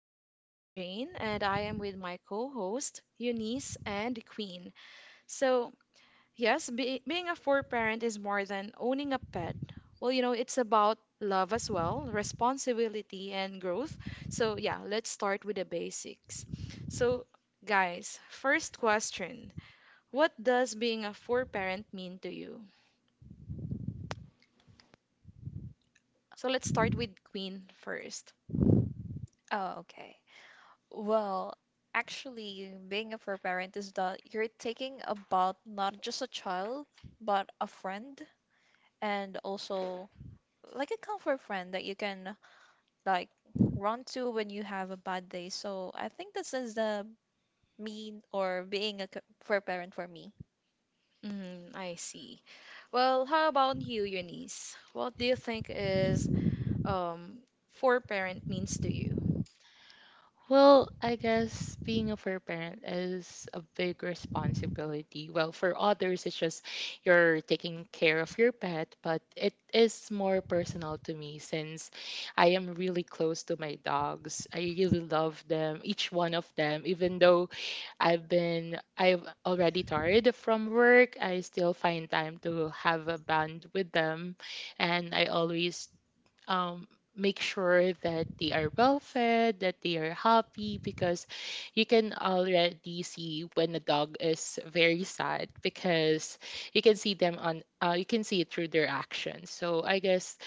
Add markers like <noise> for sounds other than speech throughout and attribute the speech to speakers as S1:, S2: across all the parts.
S1: and my name is Jane, and I am with my co-host Eunice and Queen. So, yes, being a fur parent is more than owning a pet. Well, it's about love as well, responsibility, and growth. So, yeah, let's start with the basics. So, guys, first question. What does being a fur parent mean to you? So, let's start with Queen first.
S2: Oh, okay. Well, Actually, being a fur parent is that you're taking about not just a child, but a friend, and also like a comfort friend that you can like run to when you have a bad day. So I think this is the mean or being a fur parent for me.
S1: Mm, I see. Well, how about you, Eunice? What do you think is um, fur parent means to you?
S3: Well, I guess being a fair parent is a big responsibility. Well, for others, it's just you're taking care of your pet, but it is more personal to me since I am really close to my dogs. I really love them, each one of them. Even though I've already tired from work, I still find time to have a bond with them. And I always um, make sure that they are well fed, that they are happy, because you can already see when a dog is very sad because you can see them on you can see it through their actions. So I guess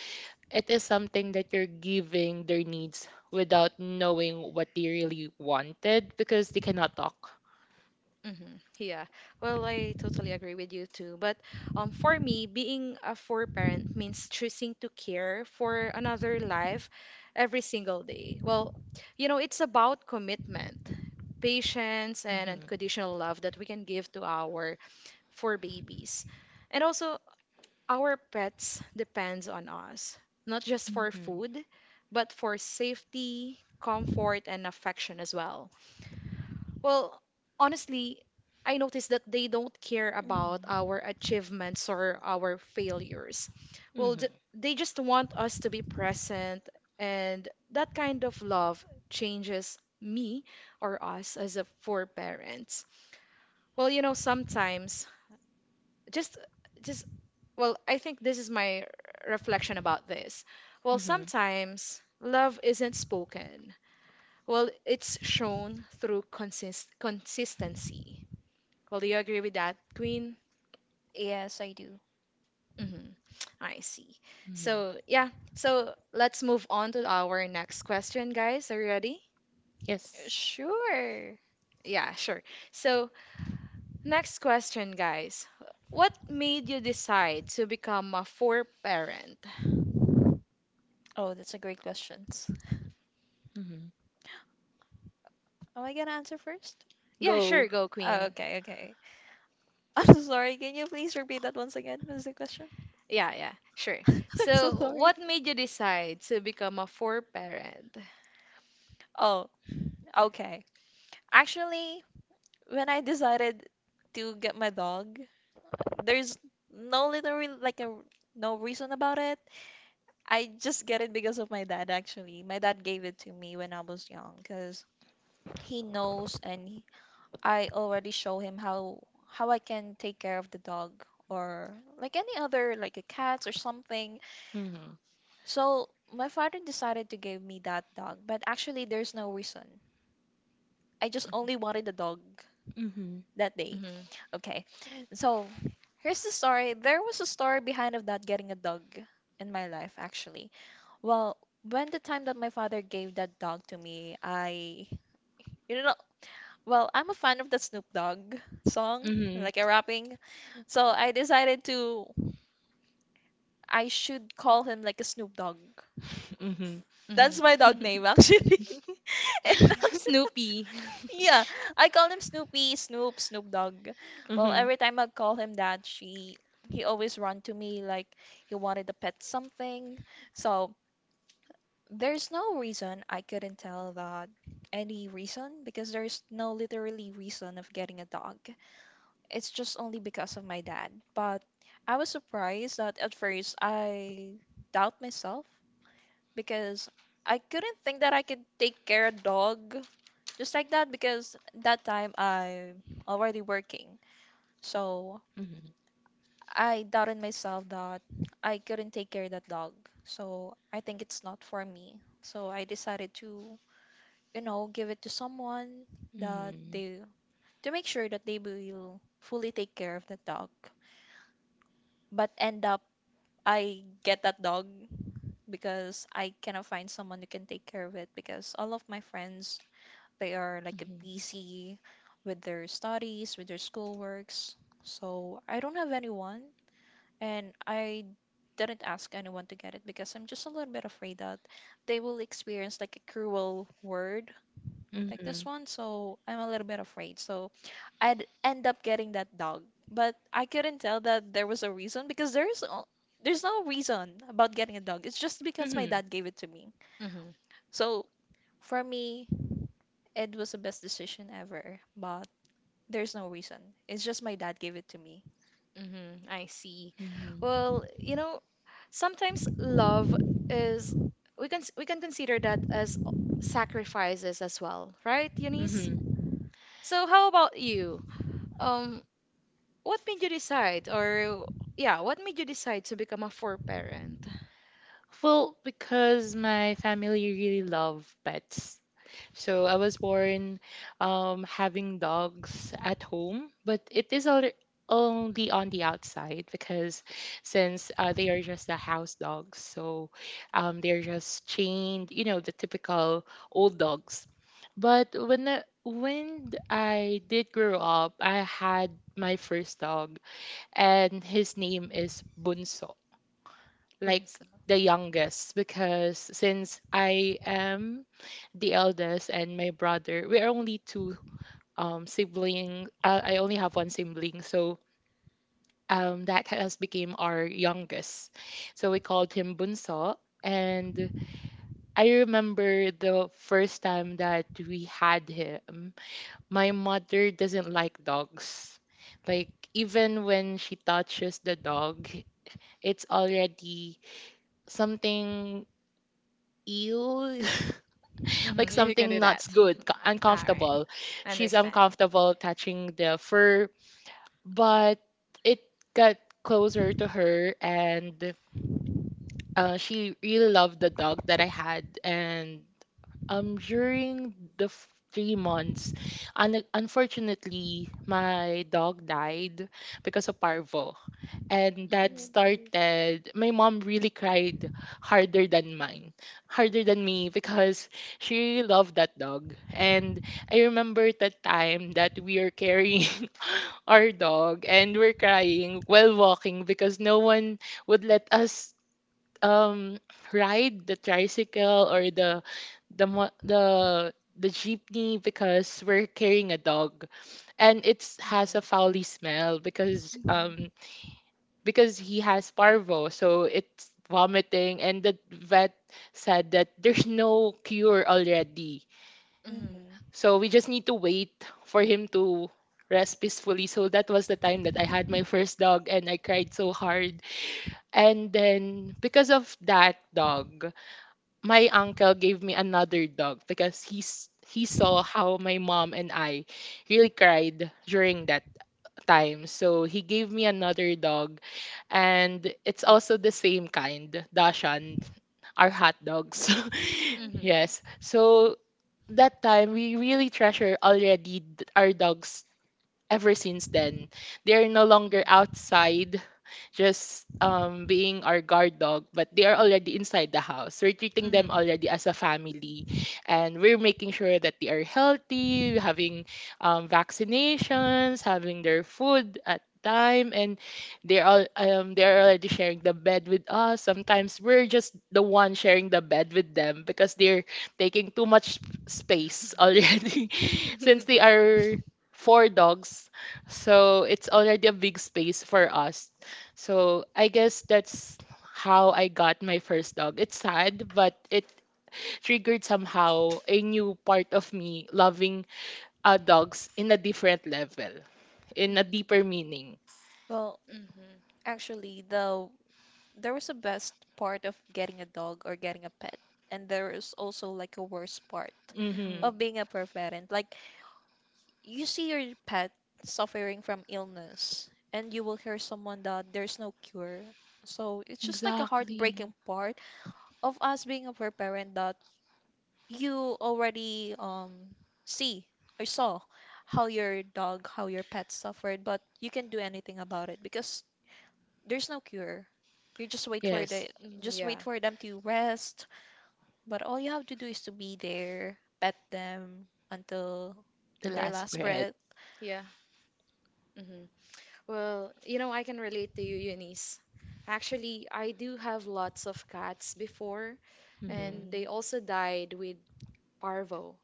S3: it is something that you're giving their needs without knowing what they really wanted because they cannot talk.
S1: Mm-hmm. Yeah. Well, I totally agree with you too. But for me, being a four-parent means choosing to care for another life every single day. Well, it's about commitment, patience, and
S3: Mhm.
S1: unconditional love that we can give to our four babies. And also, our pets depends on us, not just for
S3: Mhm.
S1: food, but for safety, comfort, and affection as well. Well, honestly, I noticed that they don't care
S2: Mhm.
S1: about our achievements or our failures. Well,
S3: Mhm.
S1: they just want us to be present, and that kind of love changes me or us as a for parents. Well, sometimes just just well, I think this is my reflection about this. Well,
S3: Mhm.
S1: sometimes love isn't spoken. Well, it's shown through consistency. Well, do you agree with that, Queen?
S2: Yes, I do.
S1: hmm I see.
S3: Mhm.
S1: So, yeah. So, let's move on to our next question, guys. Are you ready?
S3: Yes.
S2: Sure.
S1: Yeah, sure. So, next question, guys. What made you decide to become a four parent?
S2: Oh, that's a great question.
S3: Mhm.
S2: Am I gonna answer first?
S1: Yeah, sure,
S3: Go.
S1: go,
S2: Oh,
S1: Queen.
S2: okay, okay. <laughs> I'm so sorry. Can you please repeat that once again? What is the question?
S1: Yeah, yeah, sure.
S2: <laughs> I'm so
S1: So,
S2: sorry.
S1: what made you decide to become a four parent?
S2: Oh, okay. Actually, when I decided to get my dog, there's no literally like a no reason about it. I just get it because of my dad actually. My dad gave it to me when I was young because he knows and I already show him how I can take care of the dog or like any other like a cat or something.
S3: Mhm.
S2: So my father decided to give me that dog, but actually there's no reason. I just only wanted a dog
S3: Mhm.
S2: that day.
S1: Mm-hmm.
S2: Okay. So here's the story. There was a story behind of that getting a dog in my life actually. Well, when the time that my father gave that dog to me, I you know well, I'm a fan of the Snoop Dogg song,
S3: Mhm.
S2: like a rapping. So I decided to I should call him like a Snoop Dogg.
S3: Mhm.
S1: Hmm.
S2: That's my dog
S1: <laughs>
S2: name actually. <laughs> And actually
S1: Snoopy. <laughs>
S2: yeah, I call him Snoopy, Snoop, Snoop Dogg. Well,
S3: Mhm.
S2: every time I call him that, she he always run to me like he wanted to pet something. So there's no reason I couldn't tell that any reason because there's no literally reason of getting a dog. It's just only because of my dad. But I was surprised that at first I doubt myself because I couldn't think that I could take care of dog just like that because that time I'm already working. So
S3: Mhm.
S2: I doubted myself that I couldn't take care of that dog. So I think it's not for me. So I decided to, you know, give it to someone that
S3: Mhm.
S2: they to make sure that they will fully take care of the dog. But end up I get that dog because I cannot find someone who can take care of it because all of my friends they are like
S1: Mhm,
S2: busy with their studies, with their schoolworks. So I don't have anyone, and I didn't ask anyone to get it because I'm just a little bit afraid that they will experience like a cruel word like this
S3: Mhm.
S2: one. So I'm a little bit afraid. So I'd end up getting that dog, but I couldn't tell that there was a reason because there's no reason about getting a dog. It's just because my
S3: Mhm.
S2: dad gave it to me.
S1: mhm.
S2: So for me, it was the best decision ever. But there's no reason. It's just my dad gave it to me.
S1: Mm-hmm, I see.
S3: Mhm.
S1: Well, sometimes love is we can consider that as sacrifices as well, right, Eunice?
S3: Mhm.
S1: So how about you? Um, what made you decide, or yeah, what made you decide to become a four-parent?
S3: Well, because my family really love pets, so I was born having dogs at home, but only on the outside because since they are just the house dogs, so they're just chained, you know, the typical old dogs. But when I did grow up, I had my first dog, and his name is Bunso, like
S1: Bunso.
S3: the youngest, because since I am the eldest and my brother, we're only two sibling. I only have one sibling, so that has became our youngest. So we called him Bunso. And I remember the first time that we had him, my mother doesn't like dogs. Like even when she touches the dog, it's already something ew, <laughs> like
S1: Mm-hmm, you can
S3: something
S1: do that.
S3: not
S1: <laughs>
S3: good,
S1: All right,
S3: uncomfortable. She's
S1: understand.
S3: uncomfortable touching the fur, but it got closer to her and she really loved the dog that I had, and during 3 months, unfortunately, my dog died because of parvo, and that started. My mom really cried harder than mine, harder than me, because she really loved that dog. And I remember the time that we are carrying <laughs> our dog and we're crying while walking because no one would let us um ride the tricycle or the mo- the jeepney because we're carrying a dog and it
S1: Mm-hmm.
S3: has a foul smell
S2: Mhm.
S3: because he has parvo, so it's vomiting, and the vet said that there's no cure already,
S1: Mm-hmm.
S2: Mhm.
S3: so we just need to wait for him to rest peacefully. So that was the time that I had my first dog and I cried so hard. And then because of that dog, my uncle gave me another dog because he saw how my mom and I really cried during that time. So he gave me another dog, and it's also the same kind, Dashan, our hot dogs.
S1: Mhm.
S3: <laughs>
S1: Mhm.
S3: Yes. So that time we really treasure already our dogs. Ever since then, they're no longer outside just being our guard dog, but they are already inside the house. We're treating them already as a family, and we're making sure that they are healthy, having vaccinations, having their food at time, and they're all they're already sharing the bed with us. Sometimes we're just the one sharing the bed with them because they're taking too much space already,
S1: <laughs>
S3: <laughs>
S1: Mhm.
S3: since they
S1: Mhm.
S3: are four dogs. So it's already a big space for us. So I guess that's how I got my first dog. It's sad, but it triggered somehow a new part of me loving dogs in a different level, in
S2: Mhm.
S3: a deeper meaning.
S2: Well, actually, there was a best part of getting a dog or getting a pet, and there is also like a worst part
S3: Mm-hmm.
S1: Mhm.
S2: of
S1: <laughs>
S2: being a pet parent. Like you see your pet suffering from illness, and you will hear someone that there's no cure. So it's just like a
S3: Exactly.
S2: heartbreaking part of us being a pet parent that you already see or saw how your dog, how your pet suffered, but you can't do anything about it because there's no cure. You just wait for
S3: Yes,
S2: the
S1: Mm,
S2: just
S1: yeah.
S2: wait for them to rest, but all you have to do is to be there, pet them until
S3: the
S2: their
S3: last
S2: last
S3: breath.
S2: breath.
S1: Yeah. hmm Well, I can relate to you, Eunice. Actually, I do have lots of cats before,
S3: Mm-hmm.
S1: and they
S2: Hmm.
S1: also died with parvo.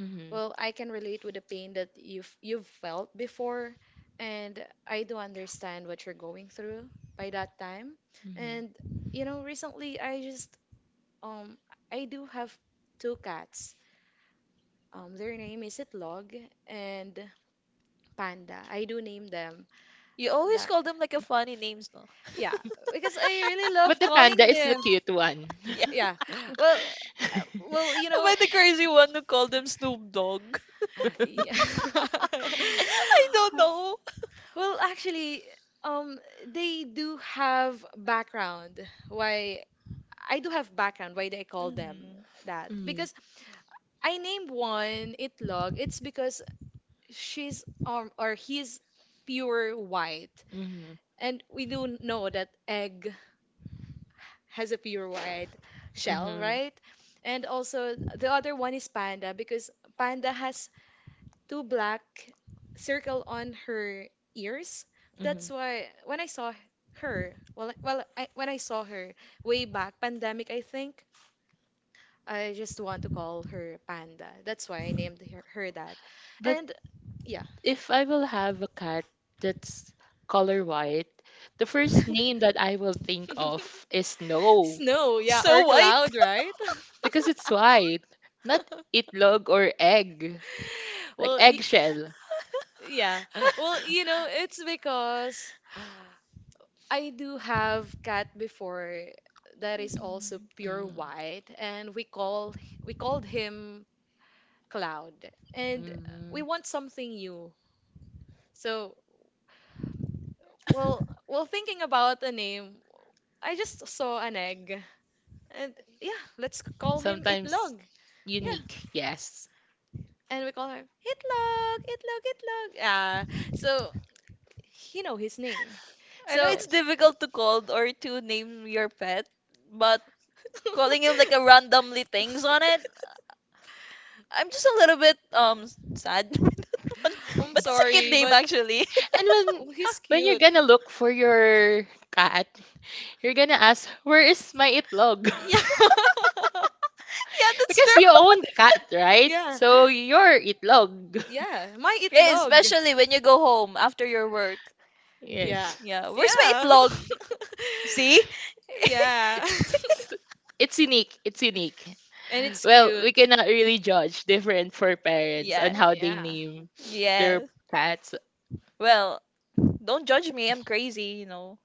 S3: Mm-hmm.
S1: Well, I can relate with the pain that you've felt before, and I do understand what you're going through by that time.
S3: Mm-hmm.
S1: And recently um I do have two cats. Their name is Itlog and Panda. I do name them
S2: You always
S1: that.
S2: call them like a funny names, no?
S1: Yeah, because I really
S3: But
S1: love
S3: the panda
S1: calling
S3: is the
S1: them.
S3: cute one.
S2: <laughs> Yeah,
S1: Yeah.
S3: <laughs>
S1: Well, uh, well, you
S2: am
S1: know.
S2: I the crazy one who called them Snoop Dogg?
S1: Yeah. <laughs>
S2: <laughs> I don't know.
S1: Well, actually, um, they do have background. Why I do have background. Why they call them
S2: Hmm.
S1: that?
S3: Mm,
S1: Because I named one Itlog. It's because she's or he's pure white,
S3: mm,
S1: and we do know that egg has a pure white shell,
S3: mm,
S1: right? And also the other one is Panda because Panda has two black circle on her ears. That's
S3: mm.
S1: why when I saw her, well, when I saw her way back, pandemic, I think, I just want to call her Panda. That's why I named her that.
S3: But
S1: And yeah.
S3: if I will have a cat that's color white, the first name that I will think of
S1: <laughs>
S3: is Snow,
S1: Snow, yeah, or
S2: So white.
S1: cloud, right?
S3: because
S1: <laughs>
S3: it's white, not itlog or egg, like
S1: Well,
S3: eggshell.
S1: yeah. Well, it's because I do have cat before that is also
S2: Mhm.
S1: pure
S3: Mm,
S1: white and we called him Cloud and we
S3: mm.
S1: want something new. So, well thinking about the name, I just saw an egg and yeah, let's call him
S3: Sometimes
S1: Itlog. Yeah.
S3: unique, yes.
S1: And we call him Itlog, Itlog, Itlog. Yeah. So, he know his name.
S2: I know
S1: So,
S2: it's
S3: Yes.
S2: difficult to call or to name your pet, but calling him like a randomly things on it,
S1: <laughs>
S2: I'm just a little bit sad. <laughs>
S1: I'm
S2: But it's a cute
S1: sorry,
S2: name
S1: but
S2: actually. <laughs>
S3: And when
S1: oh, he's
S3: when you're
S1: cute.
S3: gonna look for your cat, you're gonna ask, "Where is my itlog?" <laughs>
S1: Yeah. <laughs>
S2: Yeah, that's
S3: Because
S2: true.
S3: you own the cat, right?
S1: Yeah.
S3: So your itlog. <laughs>
S1: Yeah, my
S2: Yeah,
S1: itlog.
S2: especially when you go home after your work.
S1: Yeah.
S3: Yes.
S2: Yeah, where's my
S1: Yeah.
S2: itlog?
S1: <laughs>
S2: See?
S1: Yeah.
S3: It's it's unique. It's unique.
S1: <laughs> And it's
S3: Well,
S1: cute.
S3: we cannot really judge different for parents on
S2: Yeah.
S3: how they
S1: Yeah.
S3: name their
S2: Yeah.
S3: cats.
S2: Well, don't judge me. I'm crazy, you know.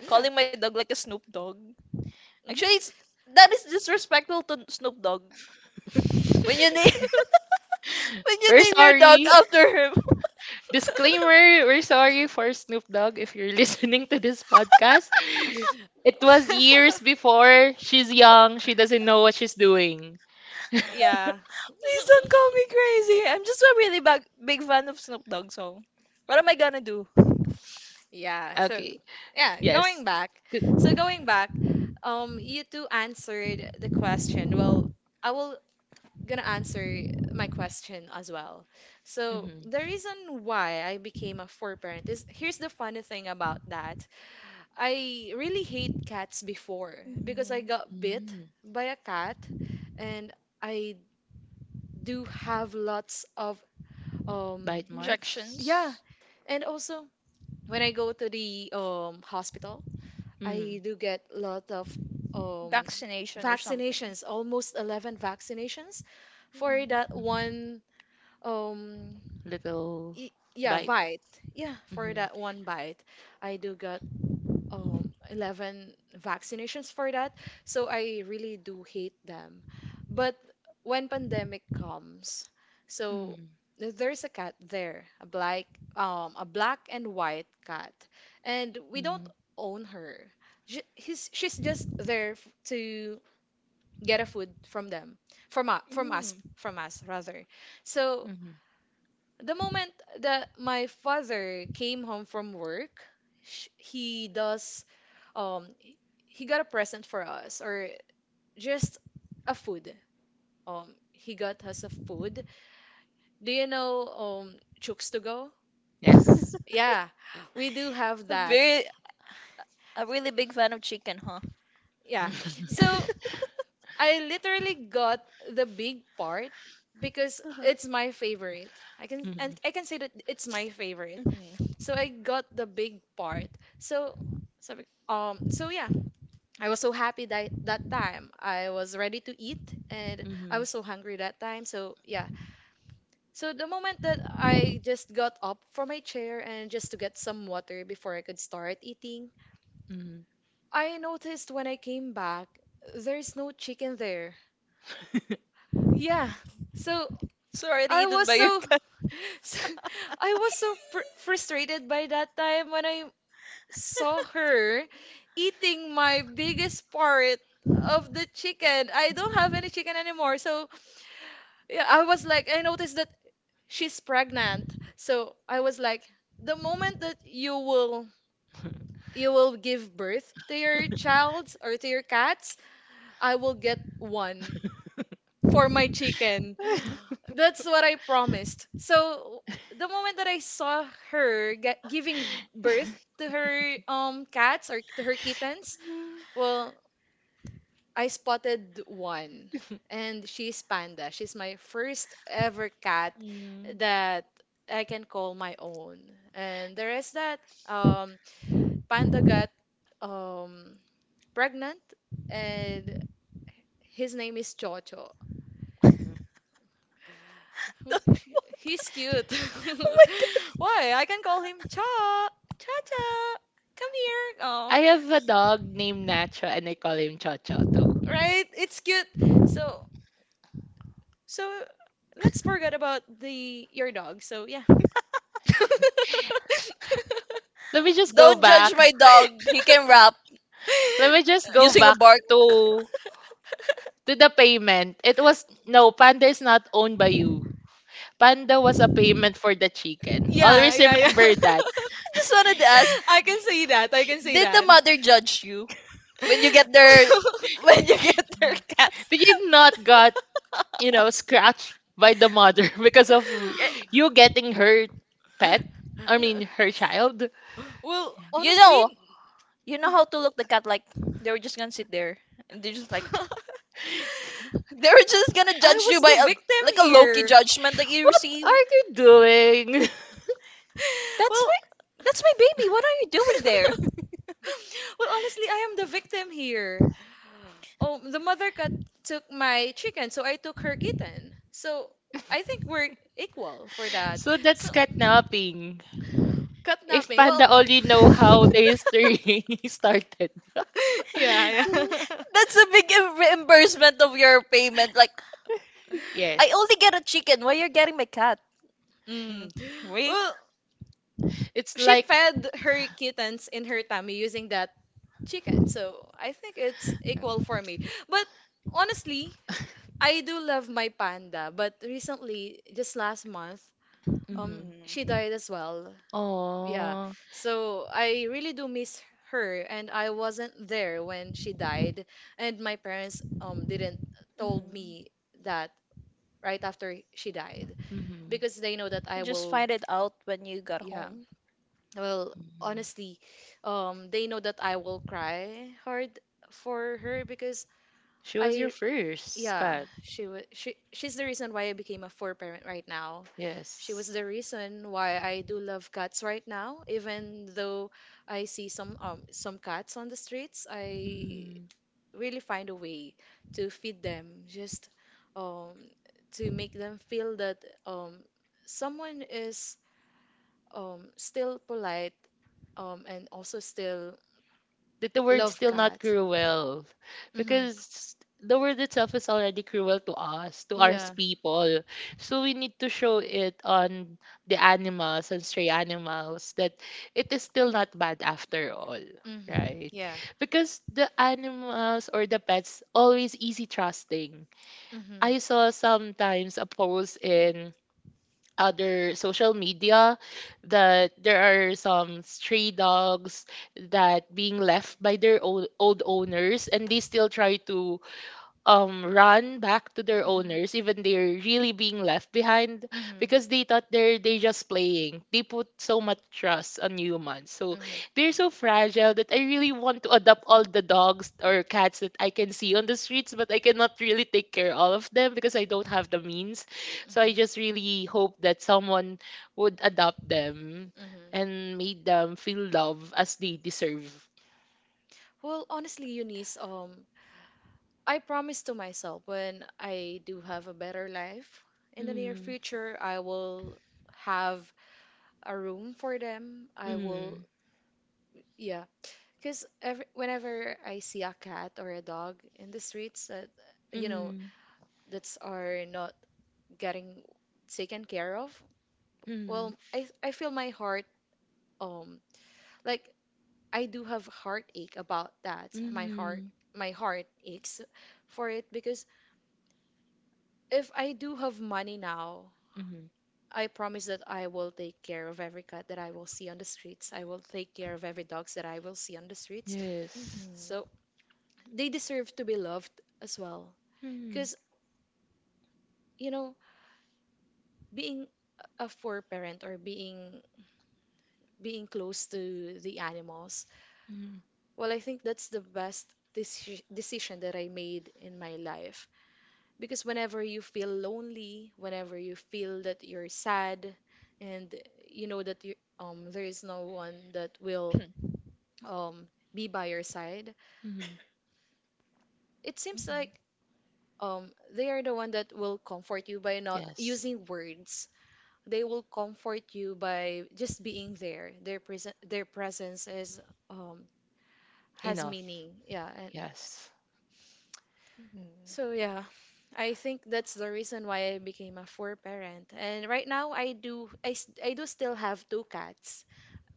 S1: Yeah.
S2: Calling my dog like a Snoop Dogg.
S1: Mhm.
S2: Actually, it's, that is disrespectful to Snoop Dogg. When
S1: <laughs>
S2: you name <laughs> when you
S3: We're
S2: name your dog
S3: sorry.
S2: after him, <laughs>
S3: Disclaimer, we're sorry for Snoop Dogg if you're <laughs> listening to this podcast. It was years before. She's young. She doesn't know what she's doing.
S1: yeah.
S2: please don't call me crazy. I'm just a really big fan of Snoop Dogg, so what am I gonna do?
S1: Yeah. So,
S3: Okay.
S1: yeah,
S3: Yes.
S1: going back.
S3: Good.
S1: So going back, you two answered the question. Well, I will gonna answer my question as well. So
S3: Mm-hmm.
S1: the reason why I became a four parent is here's the funny thing about that. I really hate cats before because I
S2: Mhm.
S1: got bit
S3: Mm.
S1: by a cat, and I do have lots of, um
S3: Bite marks?
S2: Injections,
S1: yeah, and also when I go to the hospital, I
S3: Mm.
S1: do get a lot of um
S2: vaccination, or something.
S1: vaccinations, almost 11 vaccinations for that
S3: Hmm.
S1: one, um
S3: Little
S1: y yeah
S3: bite.
S1: bite. Yeah, for
S3: Mm-hmm.
S1: that one bite, I do got 11 vaccinations for that. So I really do hate them, but when pandemic comes, so
S3: Mm.
S1: there's a cat there, a black and white cat, and we don't own her. She's just there to get a food from us from us
S2: Mm.
S1: from us rather. So
S3: Mm-hmm.
S1: the moment that my father came home from work, sh- he does um he got a present for us, or just a food. He got us a food. Do you know Chooks to go?
S3: Yes.
S2: <laughs>
S1: Yeah, we do have
S2: A
S1: that.
S2: very a really big fan of chicken, huh?
S1: Yeah.
S3: <laughs>
S1: So
S2: <laughs>
S1: I literally got the big part because
S2: Uh-huh.
S1: it's my favorite.
S3: Mhm.
S1: I can say that it's my favorite.
S2: Mhm.
S1: So I got the big part. So, sabi, so yeah, I was so happy that time. I was ready to eat, and I
S3: Mm-hmm.
S1: was so hungry that time. So yeah. So the moment that I just got up from my chair and just to get some water before I could start eating,
S3: Mm-hmm.
S1: I noticed when I came back, there's no chicken there. Yeah. So
S2: Sorry,
S1: I
S2: eaten
S1: was
S2: by your
S1: so,
S2: cat.
S1: <laughs> so I was so fr frustrated by that time when I saw her eating my biggest part of the chicken. I don't have any chicken anymore. So yeah, I was like, I noticed that she's pregnant. So I was like, the moment that you will give birth to your childs or to your cats, I will get one for my chicken. <gasps>
S3: <laughs>
S1: That's what I promised. So the moment that I saw her giving birth to her cats or to her kittens, well, I spotted one, and she's Panda. She's my first ever cat that I can call my own. And the rest that um, Panda got um, pregnant, and his name is Chocho.
S3: Mm-hmm.
S1: He-
S2: <laughs> Oh
S1: he- He's cute.
S2: my
S1: <laughs>
S2: god.
S1: Why? I can call him Cha. Cha Cha. Come here. Oh.
S3: I have a dog named Nacho and I call him Chocho too.
S1: Right? It's cute. So, So let's forget about the your dog. So yeah. <laughs>
S3: Let me just go
S2: Don't judge
S3: back.
S2: my dog. He can rap
S3: Let me just go
S2: using a
S3: back
S2: bark. I
S3: to the payment. It was no, Panda is not owned by you. Panda was a payment for the chicken.
S1: Yeah,
S3: Always
S1: yeah, yeah.
S3: remember
S1: <laughs>
S3: that.
S2: just wanted to ask,
S1: I can say that. I can say
S2: did the
S1: that. <laughs>
S2: mother judge you when you get their <laughs> when you get their cat?
S3: Did you not got,
S2: <laughs>
S3: you know, scratched by the mother <laughs> because of
S2: Y-
S3: you getting her pet? I mean,
S1: N-
S3: her child?
S1: well,
S2: you
S1: honestly,
S2: know,
S1: <laughs>
S2: you know how to look the cat like they were just gonna sit there and they're just like <laughs> they were just gonna
S1: I
S2: judge
S1: was
S2: you by
S1: the victim
S2: like a low
S1: here.
S2: judgment that
S1: <laughs>
S2: you
S3: What
S2: receive.
S3: are you doing?
S2: That's
S1: Well,
S2: my that's my baby. What are you doing there?
S1: <laughs>
S2: <laughs>
S1: well, honestly, I am the victim here. Oh, the mother cat took my chicken, so I took her kitten. So I think we're equal for
S3: <laughs>
S1: that.
S3: So
S1: So
S3: that's kidnapping. If
S1: kidnapping. Well,
S3: Panda only know how the history <laughs> started. <laughs>
S1: <laughs> yeah, yeah.
S2: That's a reimbursement of your payment. Like
S1: <laughs>
S2: I
S3: Yes.
S2: only get a chicken. Why you're getting my cat?
S1: Mm.
S2: Mm. Wait.
S1: Well,
S3: It's
S1: she
S3: like,
S1: fed her kittens in her tummy using that chicken. So I think it's equal for me. But honestly, I do love my panda. But recently, just last month,
S2: Mm.
S3: <laughs>
S1: she died as well. Yeah.
S3: oh,
S1: So I really do miss her, and I wasn't there when she died, and my parents didn't told
S2: Mhm.
S1: me that right after she died
S3: mm-hmm.
S1: because they know that I
S2: You just
S1: will.
S2: find it out when you got
S1: Yeah.
S2: home.
S1: Well, honestly, they know that I will cry hard for her because
S3: She was your
S1: I
S3: first
S1: yeah,
S3: cat.
S1: she was she's the reason why I became a four parent right now. She was
S3: Yes.
S1: the reason why I do love cats right now, even though I see some cats on the streets, I
S3: Mm-hmm.
S1: really find a way to feed them, just um to make them feel that um someone is still polite and also still
S3: That the word's
S1: love
S3: still not
S1: cats.
S3: cruel
S1: Mhm.
S3: because the word itself is already cruel to us, to our
S1: Yeah.
S3: people, so we need to show it on the animals and stray animals that it is still not bad after all,
S1: Mhm.
S3: right?
S1: Yeah.
S3: Because the animals or the pets always easy trusting.
S1: Mhm. Mhm. Mhm.
S3: I saw sometimes a post in other social media that there are some stray dogs that being left by their old, old owners, and they still try to run back to their owners even they're really being left behind because they thought they just playing. They put so much trust on humans, so
S1: Mhm.
S3: they're so fragile that I really want to adopt all the dogs or cats that I can see on the streets, but I cannot really take care all of them because I don't have the means. So I just really hope that someone would adopt them
S1: Mhm.
S3: and made them feel love as they deserve.
S1: Well, honestly, Eunice, I promise to myself when I do have a better life in the near
S3: Mm.
S1: future, I will have a room for them. I
S3: Mm.
S1: will, yeah, because whenever I see a cat or a dog in the streets that, you know,
S3: Mm.
S1: that's are not getting taken care of,
S3: Mm-hmm.
S1: well, I feel my heart, um, like I do have heartache about that. My
S3: Mm-hmm.
S1: heart, my heart aches for it because if I do have money now,
S3: Mm-hmm.
S1: I promise that I will take care of every cat that I will see on the streets. I will take care of every dogs that I will see on the streets.
S3: Yes.
S2: Mhm.
S1: So they deserve to be loved as well.
S3: Mm-hmm.
S1: Because, you know, being a fur parent or being close to the animals.
S3: Mm-hmm.
S1: Well, I think that's the best decision that I made in my life, because whenever you feel lonely, whenever you feel that you're sad, and you know that you there is no one that will um be by your side.
S3: Mm-hmm.
S1: It seems like
S2: Mhm.
S1: they are the one that will comfort you by not
S3: Yes.
S1: using words. They will comfort you by just being there. Their present their presence is um has
S3: Enough.
S1: meaning. Yeah, and
S3: Yes.
S1: so yeah. I think that's the reason why I became a four parent. And right now I do still have two cats.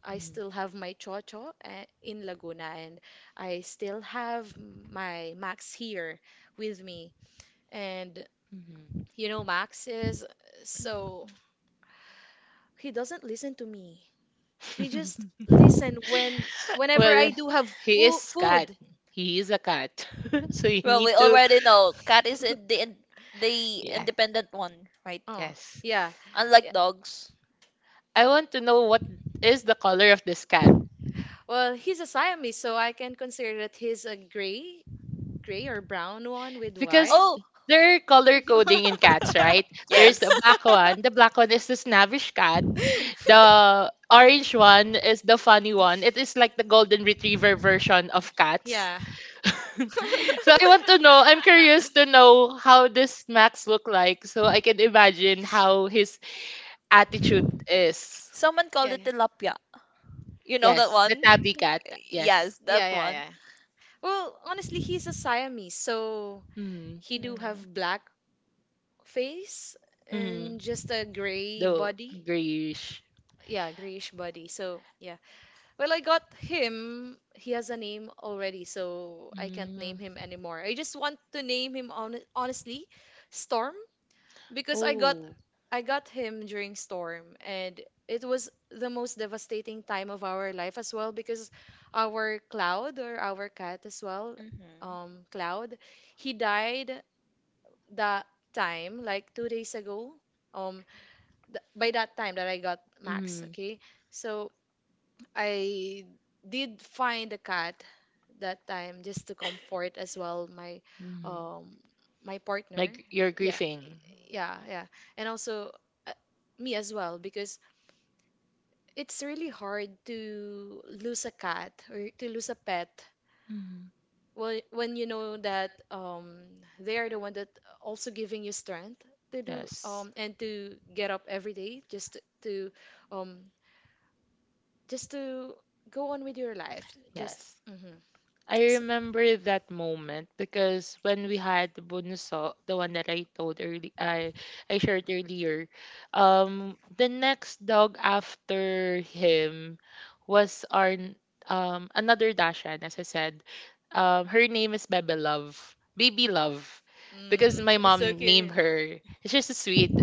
S1: I still have my Chocho, in Laguna, and I still have my Max here with me. And Max is so he doesn't listen to me. He just
S3: Mm-hmm.
S1: listen when
S3: <laughs>
S1: whenever
S3: Well,
S1: I do have
S3: he
S1: fo
S3: is cat.
S1: food.
S3: He is a
S2: Mhm.
S3: cat. <laughs> So you
S2: Well,
S3: need
S2: we
S3: to.
S2: already know cat is in
S1: <laughs>
S2: the
S3: Yeah.
S2: independent one, right?
S1: Oh,
S3: Yes.
S1: yeah. Yeah.
S2: Unlike dogs.
S3: I want to know what is the color of this cat
S1: Well, he's a Siamese, so I can consider that he's a gray or brown one with
S3: because
S1: white.
S2: Oh,
S3: they're color coding in cats, right?
S1: <laughs>
S3: There's
S2: yes.
S3: the black one. The black one is the snappish cat. The orange one is the funny one. It is like the golden retriever version of cats.
S1: Yeah.
S3: So I want to know. I'm curious to know how this Max look like, so I can imagine how his attitude is.
S2: Someone called
S1: Yeah,
S2: it
S1: yeah,
S2: tilapia. You know that
S3: Yes, the
S2: one?
S3: tabby cat. Yes.
S2: Yes,
S1: yeah,
S2: that
S1: yeah.
S2: one.
S1: Yeah. Well, honestly, he's a Siamese, so
S3: Hmm.
S1: he do have
S2: Mm-hmm.
S1: black face
S3: Hmm.
S1: and just a gray
S3: The
S1: body.
S3: grayish.
S1: Yeah, grayish body. So yeah. Well, I got him. He has a name already, so I can't name
S3: Mm.
S1: him anymore. I just want to name him on honestly, Storm. Because I got
S3: Oh.
S1: I got him during storm, and it was the most devastating time of our life as well, because our cloud, or our cat as well,
S2: Hmm.
S1: cloud, he died that time, like 2 days ago, um by that time that I got Max.
S3: Mm.
S1: Okay. So I did find a cat that time just to comfort as well my
S3: Mm.
S1: um my partner.
S3: Like you're
S1: Yeah.
S3: grieving.
S1: Yeah, yeah. And also uh, me as well, because it's really hard to lose a cat or to lose a pet
S3: Mm.
S1: when you know that they are the one that also giving you strength to do
S3: Yes.
S1: and to get up every day, just um to go on with your life. Just.
S3: Yes.
S1: Mhm.
S3: I
S1: So,
S3: remember that moment because when we had the bunso, the one that I told early, I shared earlier, the next dog after him was another Dashan, as I said, her name is Bebe Love, Baby Love, because my
S1: it's so
S3: mom named
S1: cute.
S3: her. It's just so sweet.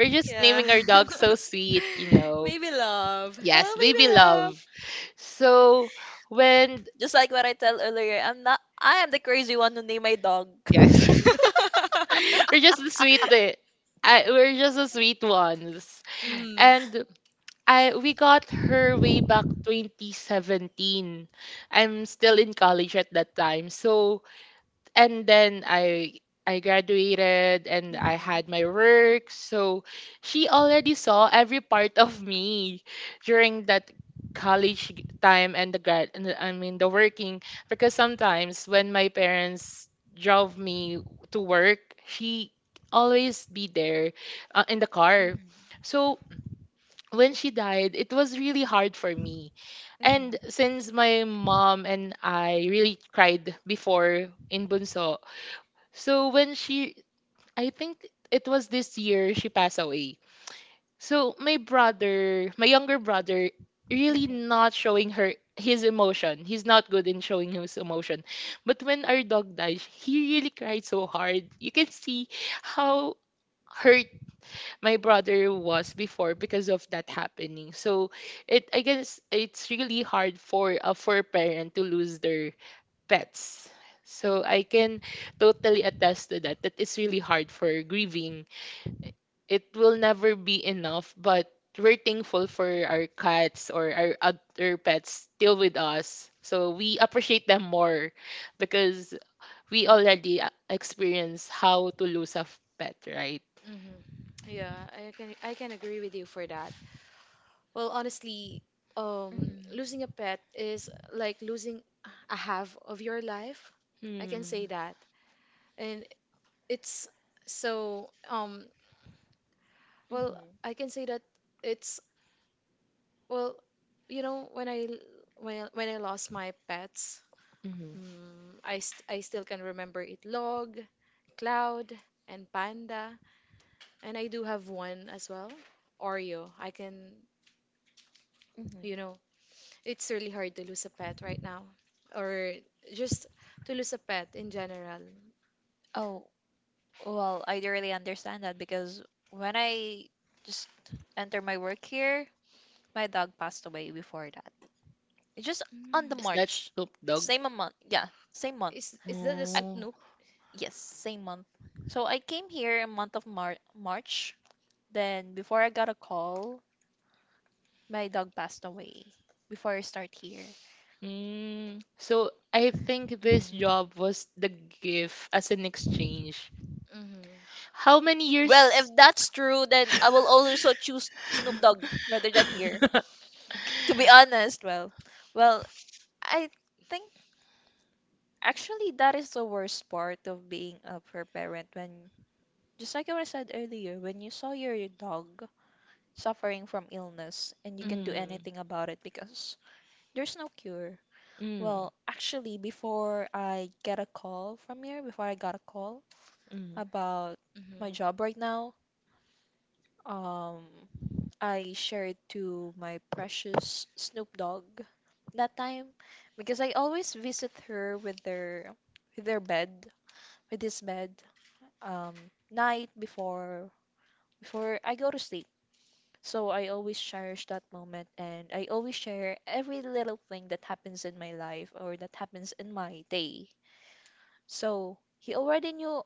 S3: We're just
S1: Yeah.
S3: naming our dog so
S1: <laughs>
S3: sweet, you know.
S1: Baby love.
S3: Yes,
S1: Hello, baby
S3: baby
S1: love.
S3: love. So when
S2: Just like what I tell earlier, I'm not. I am the crazy one who named my dog. <laughs>
S3: yes,
S1: <laughs>
S3: <laughs> we're just the sweet the we're just the sweet ones.
S1: Hmm.
S3: And I we got her way back 2017. I'm still in college at that time. So and then I graduated and I had my work. So
S2: Hmm.
S3: she already saw every part of me during that time and the grad and the- I mean the working, because sometimes when my parents drove me to work, she always be there in the car. So when she died, it was really hard for me. And
S2: Mhm.
S3: since my mom and I really cried before in Bunso, so I think it was this year she passed away. So my brother, my younger brother, really not showing her his emotion. He's not good in showing his emotion. But when our dog died, he really cried so hard. You can see how hurt my brother was before because of that happening. So it I guess it's really hard for a parent to lose their pets.
S1: Hmm.
S3: So I can totally attest to that. That is really hard for grieving. It will never be enough, but we're thankful for our cats or our other pets still with us. So we appreciate them more because we already experience how to lose a pet, right?
S1: Yeah, I can agree with you for that. Well, honestly, um, losing a pet is like losing a half of your life. I can
S3: Hmm.
S1: say that. And it's so.
S2: Mhm.
S1: Well,
S2: Mhm.
S1: I can say that it's, well, when I l- when I lost my pets,
S3: Hmm.
S1: I still can remember it. Log, Cloud, and Panda, and I do have one as well, Oreo. I can.
S2: Mhm. Mhm.
S1: you know, it's really hard to lose a pet right now, or just to lose a pet in general.
S2: Oh, well, I really understand that because when I just entered my work here, my dog passed away before that. It's just
S1: Mm.
S2: on the
S3: Is that
S2: March,
S3: Snoop Dogg?
S2: same a month. Yeah, same month.
S1: Is that the
S3: Oh.
S1: Snoop?
S2: Yes, same month. So I came here in month of March. Then before I got a call, my dog passed away before I start here.
S3: Mm, so I think
S2: Mhm.
S3: this job was the gift as an exchange.
S1: Mm-hmm.
S3: How many
S2: Well,
S3: years?
S2: if that's true, then I will
S3: <laughs>
S2: also choose Snoop Dogg rather than here. To be honest, well, I think actually that is the worst part of being a fur parent when, just like what I said earlier, when you saw your dog suffering from illness and you can do
S1: Mm-hmm.
S3: Mm,
S2: anything about it because there's no cure.
S3: mm,
S2: Well, actually, before I get a call from here, before I got a call
S3: mm,
S2: about my
S1: Mm-hmm.
S2: job right now, um, I shared to my precious Snoop Dogg that time because I always visit her with their with their bed, with his bed, um, night before before I go to sleep. So I always cherish that moment and I always share every little thing that happens in my life or that happens in my day. So he already knew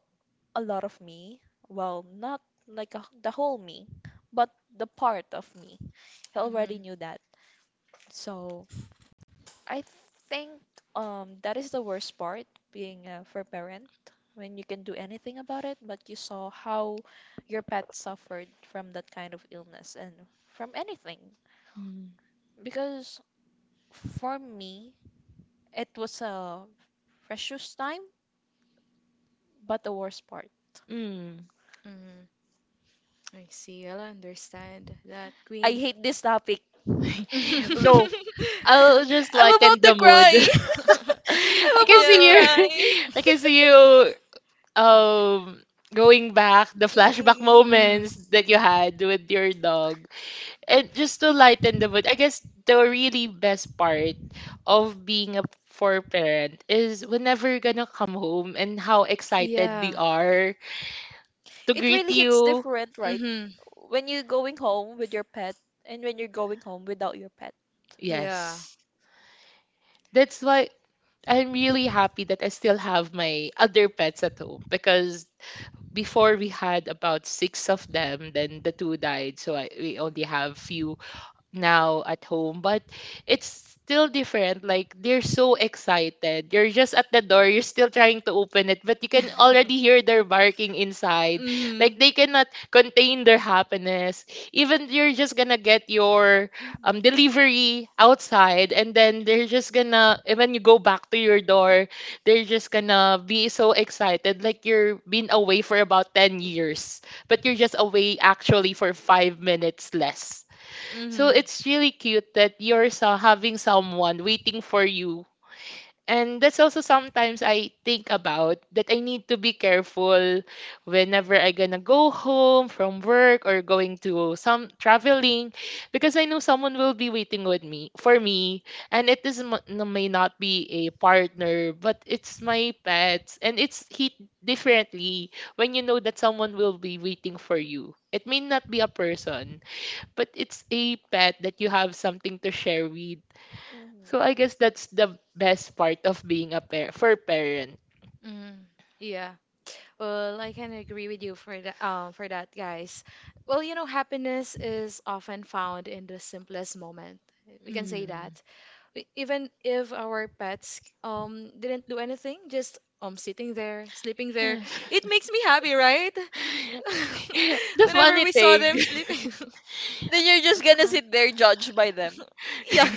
S2: a lot of me. Well, not like a, the whole me, but the part of me. He already
S1: Mm-hmm.
S2: knew that. So I think that is the worst part being a fur parent when you can do anything about it, but you saw how your pet suffered from that kind of illness and from anything.
S3: mm,
S2: Because for me, it was a precious time, but the worst part.
S3: mm.
S1: Mm-hmm. I see. Well, I understand that,
S2: I
S1: Queen.
S2: hate this topic.
S3: <laughs> L-
S2: No.
S1: <laughs>
S3: I'll just
S2: I'm
S3: lighten
S2: about to
S3: the mood. <laughs>
S2: cry. <laughs>
S3: I
S2: I'm
S3: can
S2: about to
S3: see you.
S2: cry.
S3: <laughs> I can see you. Um, going back the flashback
S2: Mm-mm.
S3: moments that you had with your dog. And just to lighten the mood, I guess the really best part of being a four parent is whenever you're gonna come home and how excited they
S1: Yeah.
S3: are to
S2: It
S3: greet
S2: really
S1: Mm.
S2: hits
S3: you.
S2: different,
S1: Yeah.
S2: right?
S1: Mm-hmm.
S2: When you're going home with your pet and when you're going home without your pet.
S1: Yeah.
S3: Yes. That's why I'm really happy that I still have my other pets at home because before we had about six of them, then the two died, so we only have few now at home, but it's still different. Like, they're so excited. You're just at the door, you're still trying to open it, but you can already
S1: <laughs>
S3: hear their barking inside,
S1: Mm-hmm.
S3: like
S1: So,
S3: they cannot contain their happiness. Even you're just gonna get your
S2: Mhm.
S3: delivery outside, and then they're just gonna, and when you go back to your door, they're just gonna be so excited, like you're been away for about 10 years, but you're just away actually for 5 minutes less. So it's really cute that you're so having someone waiting for you. And that's also sometimes I think about, that I need to be careful whenever I gonna go home from work or going to some traveling, because I know someone will be waiting with me, for me. And it is may not be a partner, but it's my pets, and it's hit differently when you know that someone will be waiting for you. It may not be a person, but it's a pet that you have something to share with. So I guess that's the best part of being a pair for parent.
S1: mm, yeah. Well, I can agree with you for that, guys. Well, happiness is often found in the simplest moment. We can say
S3: Hmm.
S1: that. Even if our pets didn't do anything, just sitting there, sleeping there,
S3: Yes.
S1: it makes me happy, right?
S3: <laughs>
S1: <laughs>
S3: the
S1: Whenever
S3: funny
S1: we saw
S3: thing.
S1: them sleeping. <laughs>
S2: Then you're just gonna sit there judged by them.
S1: Yeah.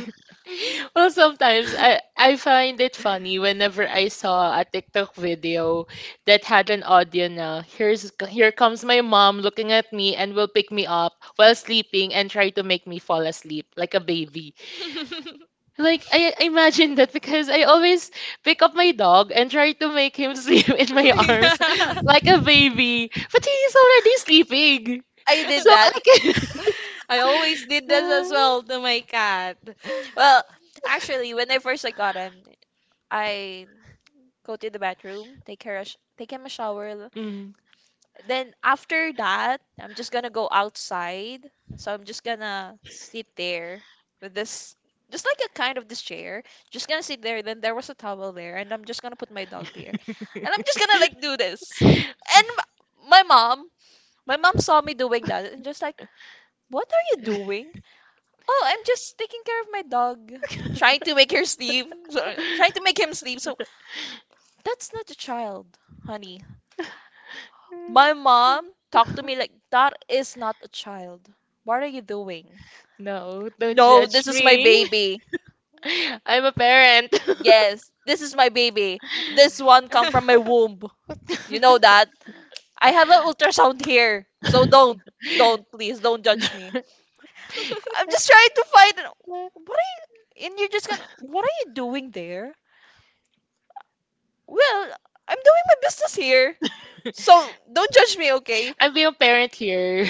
S1: Mhm.
S3: <laughs> well, sometimes I find it funny whenever I saw a TikTok video that had an audio na, here's here comes my mom looking at me and will pick me up while sleeping and try to make me fall asleep like a baby.
S1: <laughs>
S3: Like I imagine that because I always pick up my dog and try to make him <laughs> sleep in my
S1: Yeah.
S3: arms like a baby, but he's already sleeping.
S2: I did
S3: So
S2: that.
S3: I can.
S1: I always did this as
S3: <laughs>
S1: well to my cat.
S2: Well, actually, when I first I got him, I go to the bathroom, take care, a take him a shower,
S3: Mm.
S2: then after that, I'm just gonna go outside. So I'm just gonna sit there with this, just like a kind of this chair. Just gonna sit there. Then there was a towel there, and I'm just gonna put my dog there, and I'm just gonna
S3: <laughs>
S2: like do this. And my mom, my mom saw me doing that, and just like, what are you doing? Oh, I'm just taking care of my dog, trying to make her sleep, trying to make him sleep. So that's not a child, honey. My mom talked to me like, that is not a child. What are you doing?
S3: No, don't
S2: No,
S3: judge
S2: this is my
S3: me.
S2: baby.
S3: <laughs> I'm a parent.
S2: Yes, this is my baby. This one come from my
S1: <laughs>
S2: womb. You know that.
S3: <laughs>
S2: I have an ultrasound here. So
S3: <laughs>
S2: don't, please, don't judge me. I'm just trying to find. What are you? And you're just gonna. What are you doing there? Well, I'm doing my business here. So don't judge me, okay?
S3: I'm being a parent here.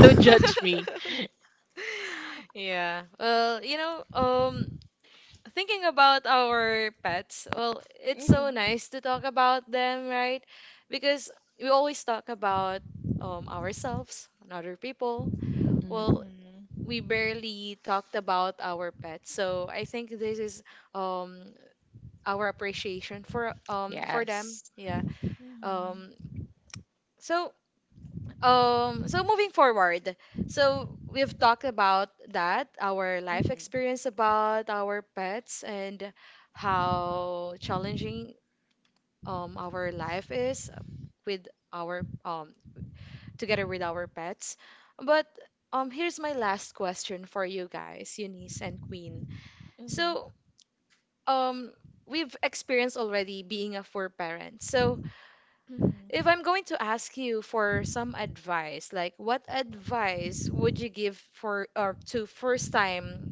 S3: Don't judge me.
S1: <laughs> Yeah. Well, thinking about our pets, well, it's so
S2: Mhm.
S1: nice to talk about them, right? Because we always talk about ourselves and other people.
S3: Mm.
S1: Well,
S2: Mhm.
S1: we barely talked about our pets, so I think this is um, our appreciation for for them.
S3: Yes.
S1: Yeah. Um. So so, moving forward, so we've talked
S2: Mhm.
S1: about that, our life
S2: Mhm.
S1: experience about our pets, and how challenging our life is with our together with our pets. But here's my last question for you guys, Eunice and Queen.
S2: Mhm.
S1: So um we've experienced already being a four parent. So
S2: Mhm.
S1: if I'm going to ask you for some advice, like what advice would you give for or to first time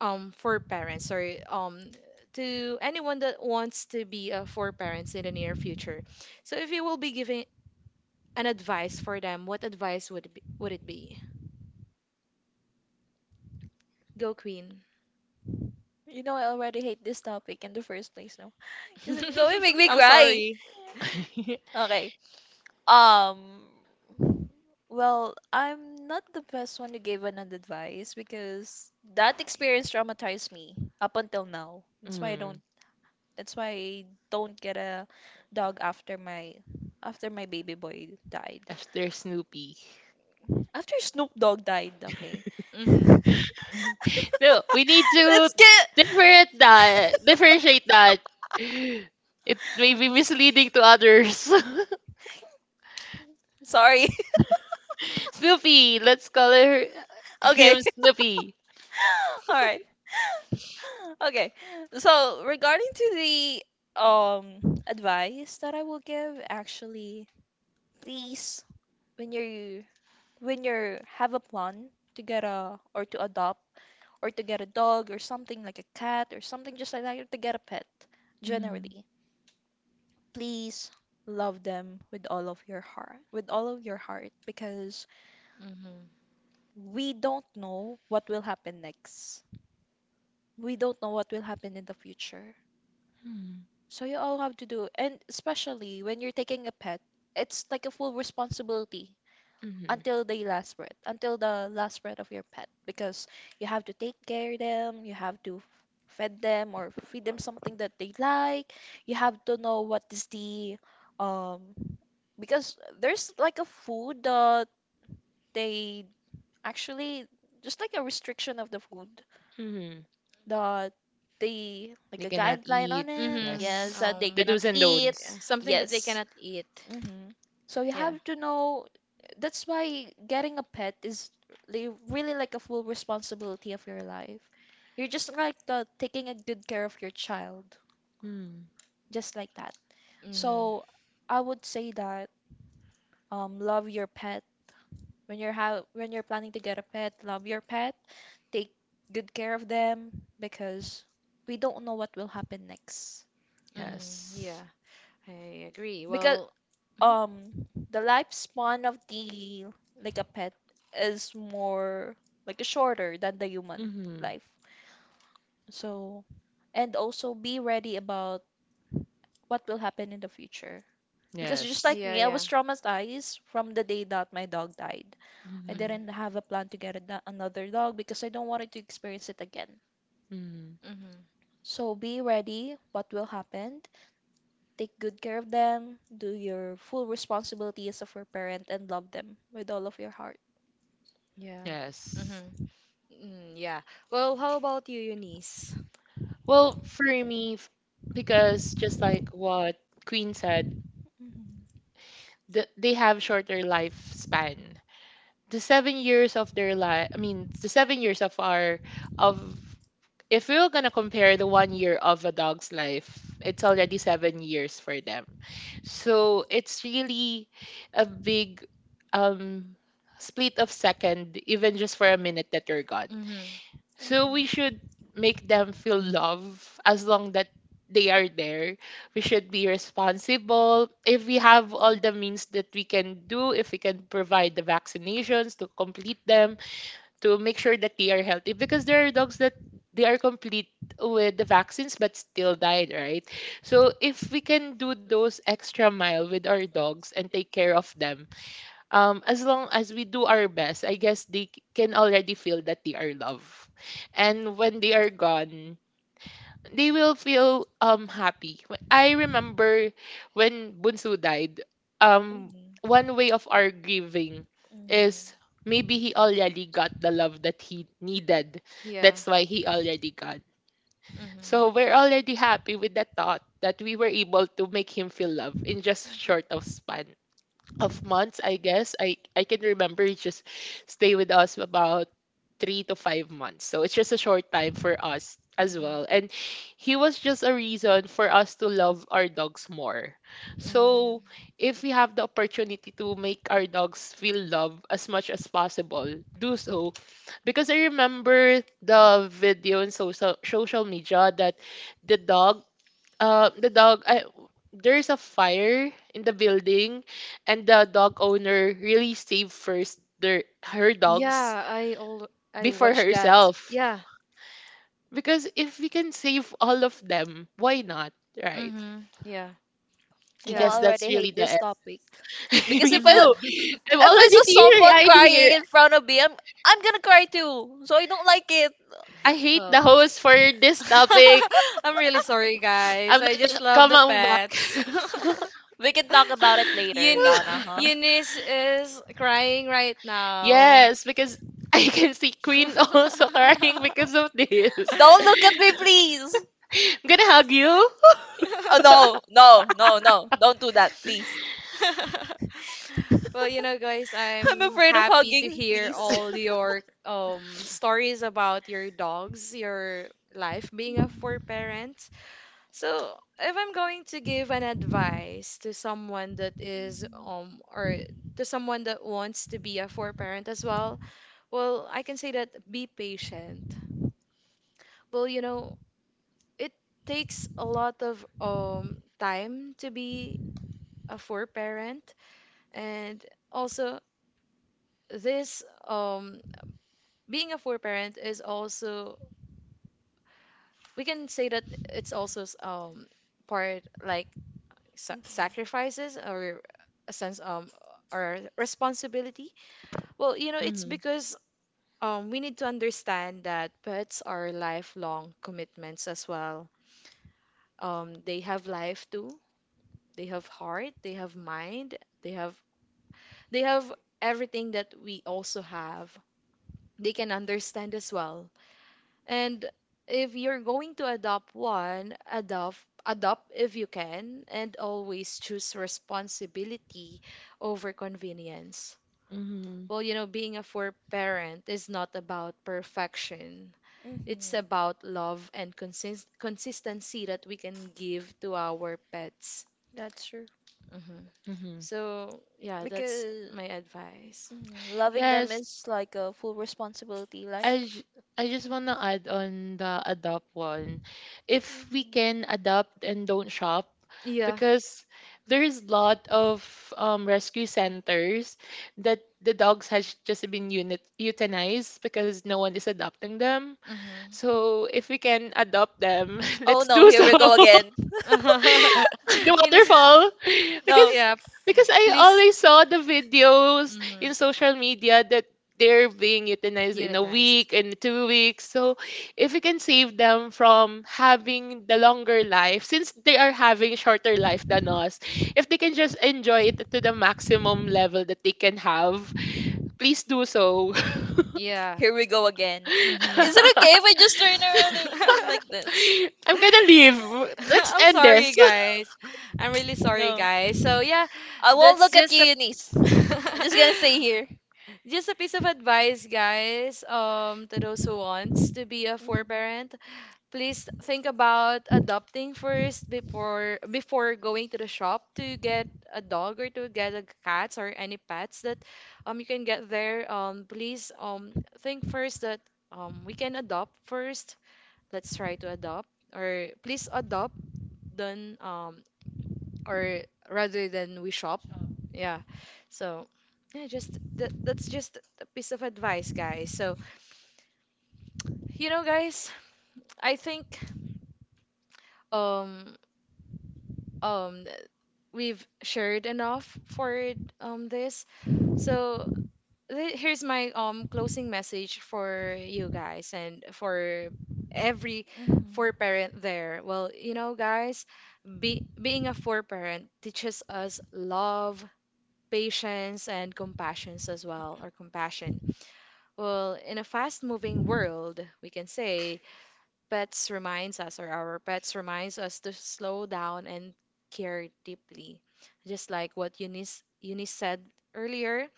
S1: for parents, or to anyone that wants to be a for parents in the near future? So if you will be giving an advice for them, what advice would it be? Go, Queen.
S2: You know, I already hate this topic in the first place, no? <laughs> Is it going to make
S1: <laughs>
S2: me
S1: I'm
S2: cry?
S1: sorry.
S3: <laughs>
S2: Okay. Um, well, I'm not the best one to give an advice because that experience traumatized me up until now.
S3: mm.
S2: That's why I don't get a dog after my baby boy died.
S3: After Snoopy.
S2: After Snoop Dogg died, okay.
S1: Mhm.
S3: No, we need to
S2: Let's get
S3: differentiate that. It may be misleading to others. <laughs>
S2: sorry. <laughs>
S3: Snoopy, let's call her,
S2: Okay.
S3: him
S2: <laughs>
S3: Snoopy.
S2: All right. Okay. So regarding to the advice that I will give, actually, please when you when you have a plan to get a or to adopt or to get a dog or something like a cat or something just like that, or to get a pet,
S3: Mm,
S2: generally, please love them with all of your heart, with all of your heart, because
S1: Mhm.
S2: we don't know what will happen next. We don't know what will happen in the future.
S3: mm,
S2: So you all have to do, and especially when you're taking a pet, it's like a full responsibility
S3: mhm,
S2: until the last breath, until the last breath of your pet, because you have to take care of them, you have to fed them or feed them something that they like. You have to know what is the um because there's like a food that they actually just like a restriction of the food
S3: mhm.
S2: the the like
S3: They
S2: a
S3: cannot
S2: guideline on
S3: eat.
S2: it. Yes,
S1: Mhm.
S3: Yes.
S2: that they
S1: Um
S3: The
S2: cannot
S3: do's and
S2: eat.
S1: yeah,
S3: don'ts.
S1: something that they
S2: Yes.
S1: cannot eat.
S2: Hmm. So you
S1: Yeah.
S2: have to know. That's why getting a pet is really like a full responsibility of your life. You're just like taking a good care of your child,
S3: Mm.
S2: just like that.
S1: Mhm.
S2: So I would say that love your pet when you're how when you're planning to get a pet, love your pet, take good care of them because we don't know what will happen next.
S1: Mhm.
S3: Yes.
S1: Yeah. I agree.
S2: Because
S1: Well, mhm.
S2: the lifespan of the like a pet is more like shorter than the human
S3: Mm-hmm.
S2: life. So and also be ready about what will happen in the future. Because just
S3: Yes.
S2: like
S1: Yeah,
S2: me, I
S1: yeah.
S2: was traumatized from the day that my dog died. I
S3: Mm-hmm.
S1: Mhm.
S2: didn't have a plan to get a another dog because I don't want it to experience it again.
S3: Mm-hmm.
S1: Mhm.
S2: So be ready what will happen. Take good care of them. Do your full responsibility as of your parent and love them with all of your heart.
S1: Yeah.
S3: Yes.
S1: Mhm. Mm, yeah. Well, how about you, Eunice?
S3: Well, for me, because just like what Queen said,
S2: Mhm.
S3: th they have shorter lifespan. The 7 years of their life, I mean, the 7 years of our of if we were gonna compare the one year of a dog's life, it's already 7 years for them. So it's really a big um split of second, even just for a minute that you're gone.
S1: Mhm.
S3: So
S2: Mhm.
S3: we should make them feel love as long that they are there. We should be responsible. If we have all the means that we can do, if we can provide the vaccinations to complete them, to make sure that they are healthy, because there are dogs that they are complete with the vaccines but still died, right? So if we can do those extra mile with our dogs and take care of them as long as we do our best, I guess they can already feel that they are loved, and when they are gone, they will feel happy. I remember when Bunsu died, um
S2: Mhm.
S3: one way of our grieving
S2: Mhm.
S3: is maybe he already got the love that he needed.
S1: Yeah.
S3: That's why he already got.
S1: Mhm.
S3: So we're already happy with the thought that we were able to make him feel love
S2: Mhm.
S3: in just short of span of months, I guess. I can remember he just stay with us about 3 to 5 months. So it's just a short time for us as well. And he was just a reason for us to love our dogs more. So
S2: Mhm.
S3: if we have the opportunity to make our dogs feel love as much as possible, do so. Because I remember the video in social media that the dog uh, the dog I, there's a fire in the building, and the dog owner really saved first their her dogs
S1: I all I
S3: before herself.
S1: Yeah.
S3: Because if we can save all of them, why not, right?
S1: Mm-hmm. Yeah. So.
S3: I
S2: You know, I
S3: guess
S1: Yeah.
S3: that's
S2: already
S3: really
S2: hate
S3: the
S2: this
S3: end.
S2: topic
S3: <laughs>
S2: because
S3: Me too. I'm
S2: if I
S3: already
S2: saw someone
S3: teary-eyed here.
S2: crying in front of me, I'm gonna cry too. So I don't like it.
S3: I hate
S1: I
S3: the
S1: <laughs>
S3: host for
S1: <laughs>
S3: this
S1: topic.
S3: topic.
S1: I'm really sorry, guys.
S3: I'm not gonna come
S1: <laughs>
S3: on back.
S1: Pets. <laughs>
S2: We can talk about it later,
S1: Uni
S2: Donna, huh?
S1: Eunice is crying
S3: <laughs>
S1: right
S3: <laughs>
S1: now.
S3: Yes, because <laughs> I can see Queen also <laughs>
S1: <laughs>
S3: crying because of this.
S2: Don't
S3: <laughs>
S2: look at me, please.
S3: I'm gonna hug you.
S2: Oh
S3: <laughs>
S2: no. Don't do that, please.
S1: Well, guys,
S2: <laughs> I'm
S1: I'm
S2: afraid of
S1: happy to
S2: hugging,
S1: hear
S2: please.
S1: all your stories about your dogs, your life being a four parent. So, if I'm going to give an advice to someone that is or to someone that wants to be a four parent as well, well, I can say that be patient. Well, it takes a lot of time to be a four parent, and also this being a four parent is also, we can say that it's also part, like sa sacrifices or a sense or responsibility. Well, it's
S3: hmm.
S1: because we need to understand that pets are lifelong commitments as well. They have life too. They have heart, they have mind, they have they have everything that we also have. They can understand as well. And if you're going to adopt one, adopt if you can, and always choose responsibility over convenience.
S3: Hmm.
S1: Well, being a four parent is not about perfection.
S2: Mhm.
S1: It's about love and consistency that we can give to our pets.
S2: That's true.
S1: Mm-hmm.
S3: Hmm.
S1: So yeah, that's
S2: Because
S1: my advice.
S2: mm, loving them
S3: Yes.
S2: is like a full responsibility, like.
S3: I ju- I just want to add on the adopt one. If we
S2: Mhm.
S3: can adopt and don't shop,
S1: Yeah.
S3: because there's lot of rescue centers that the dogs has just been unit euthanized because no one is adopting them.
S1: Mm-hmm.
S3: So if we can adopt them, <laughs>
S2: Oh
S3: let's
S2: no,
S3: do
S2: here
S3: so.
S2: we go again.
S3: <laughs> the
S1: <laughs> Eunice is.
S3: waterfall.
S2: No,
S3: because
S1: Yeah.
S3: because I
S1: Please.
S3: always saw the videos
S1: Mm-hmm.
S3: in social media that they're being euthanized in a
S1: Unitized.
S3: week and 2 weeks. So if we can save them from having the longer life, since they are having shorter life than us, if they can just enjoy it to the maximum level that they can have, please do so.
S1: Yeah.
S2: here we go again.
S3: <laughs>
S1: Mm-hmm.
S2: Is it okay if I just turn around and- like
S1: <laughs>
S2: this?
S3: I'm gonna leave. Let's
S1: I'm
S3: end
S1: sorry,
S3: this. <laughs>
S1: guys. I'm really sorry,
S2: No.
S1: guys. So yeah,
S2: I won't
S1: that's
S2: look at you,
S1: just a
S2: Eunice. I'm
S1: <laughs>
S2: just gonna stay here.
S1: just a piece of advice, guys, to those who wants to be a four
S2: Mhm.
S1: parent, please think about adopting first before going to the shop to get a dog or to get a cat or any pets that you can get there. Please think first that we can adopt first. Let's try to adopt, or please adopt. Then, or rather than we shop. Yeah. So yeah, just that, that's just a piece of advice, guys. So, guys, I think um um we've shared enough for this. So here's my closing message for you guys and for every four
S2: Mhm.
S1: parent there. Well, guys, be being a four parent teaches us love, patience, and compassions as well, or compassion. Well, in a fast-moving world, we can say pets reminds us, or our pets reminds us to slow down and care deeply. Just like what Eunice said earlier,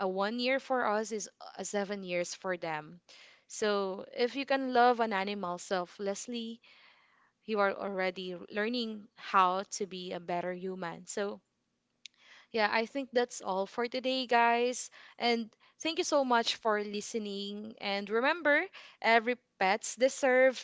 S1: a 1 year for us is a 7 years for them. So if you can love an animal selflessly, you are already learning how to be a better human. So yeah, I think that's all for today, guys. And thank you so much for listening. And remember, every pets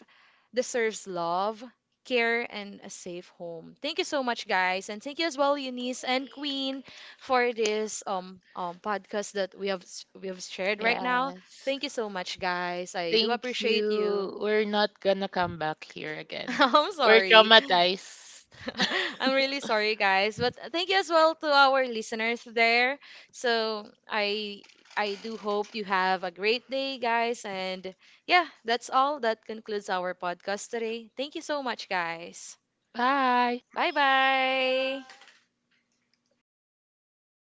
S1: deserves love, care, and a safe home. Thank you so much, guys, and thank you as well, Eunice and Queen, for this podcast that we have shared right now.
S3: Yes.
S1: Thank you so much, guys. I do
S3: Thank
S1: appreciate you.
S3: you. We're not gonna come back here
S1: <laughs>
S3: again.
S1: I'm
S3: We're
S1: sorry.
S3: traumatized.
S1: <laughs> I'm really sorry, guys, but thank you as well to our listeners there. So I do hope you have a great day, guys, and yeah, that's all. That concludes our podcast today. Thank you so much, guys.
S3: Bye.
S1: Bye bye.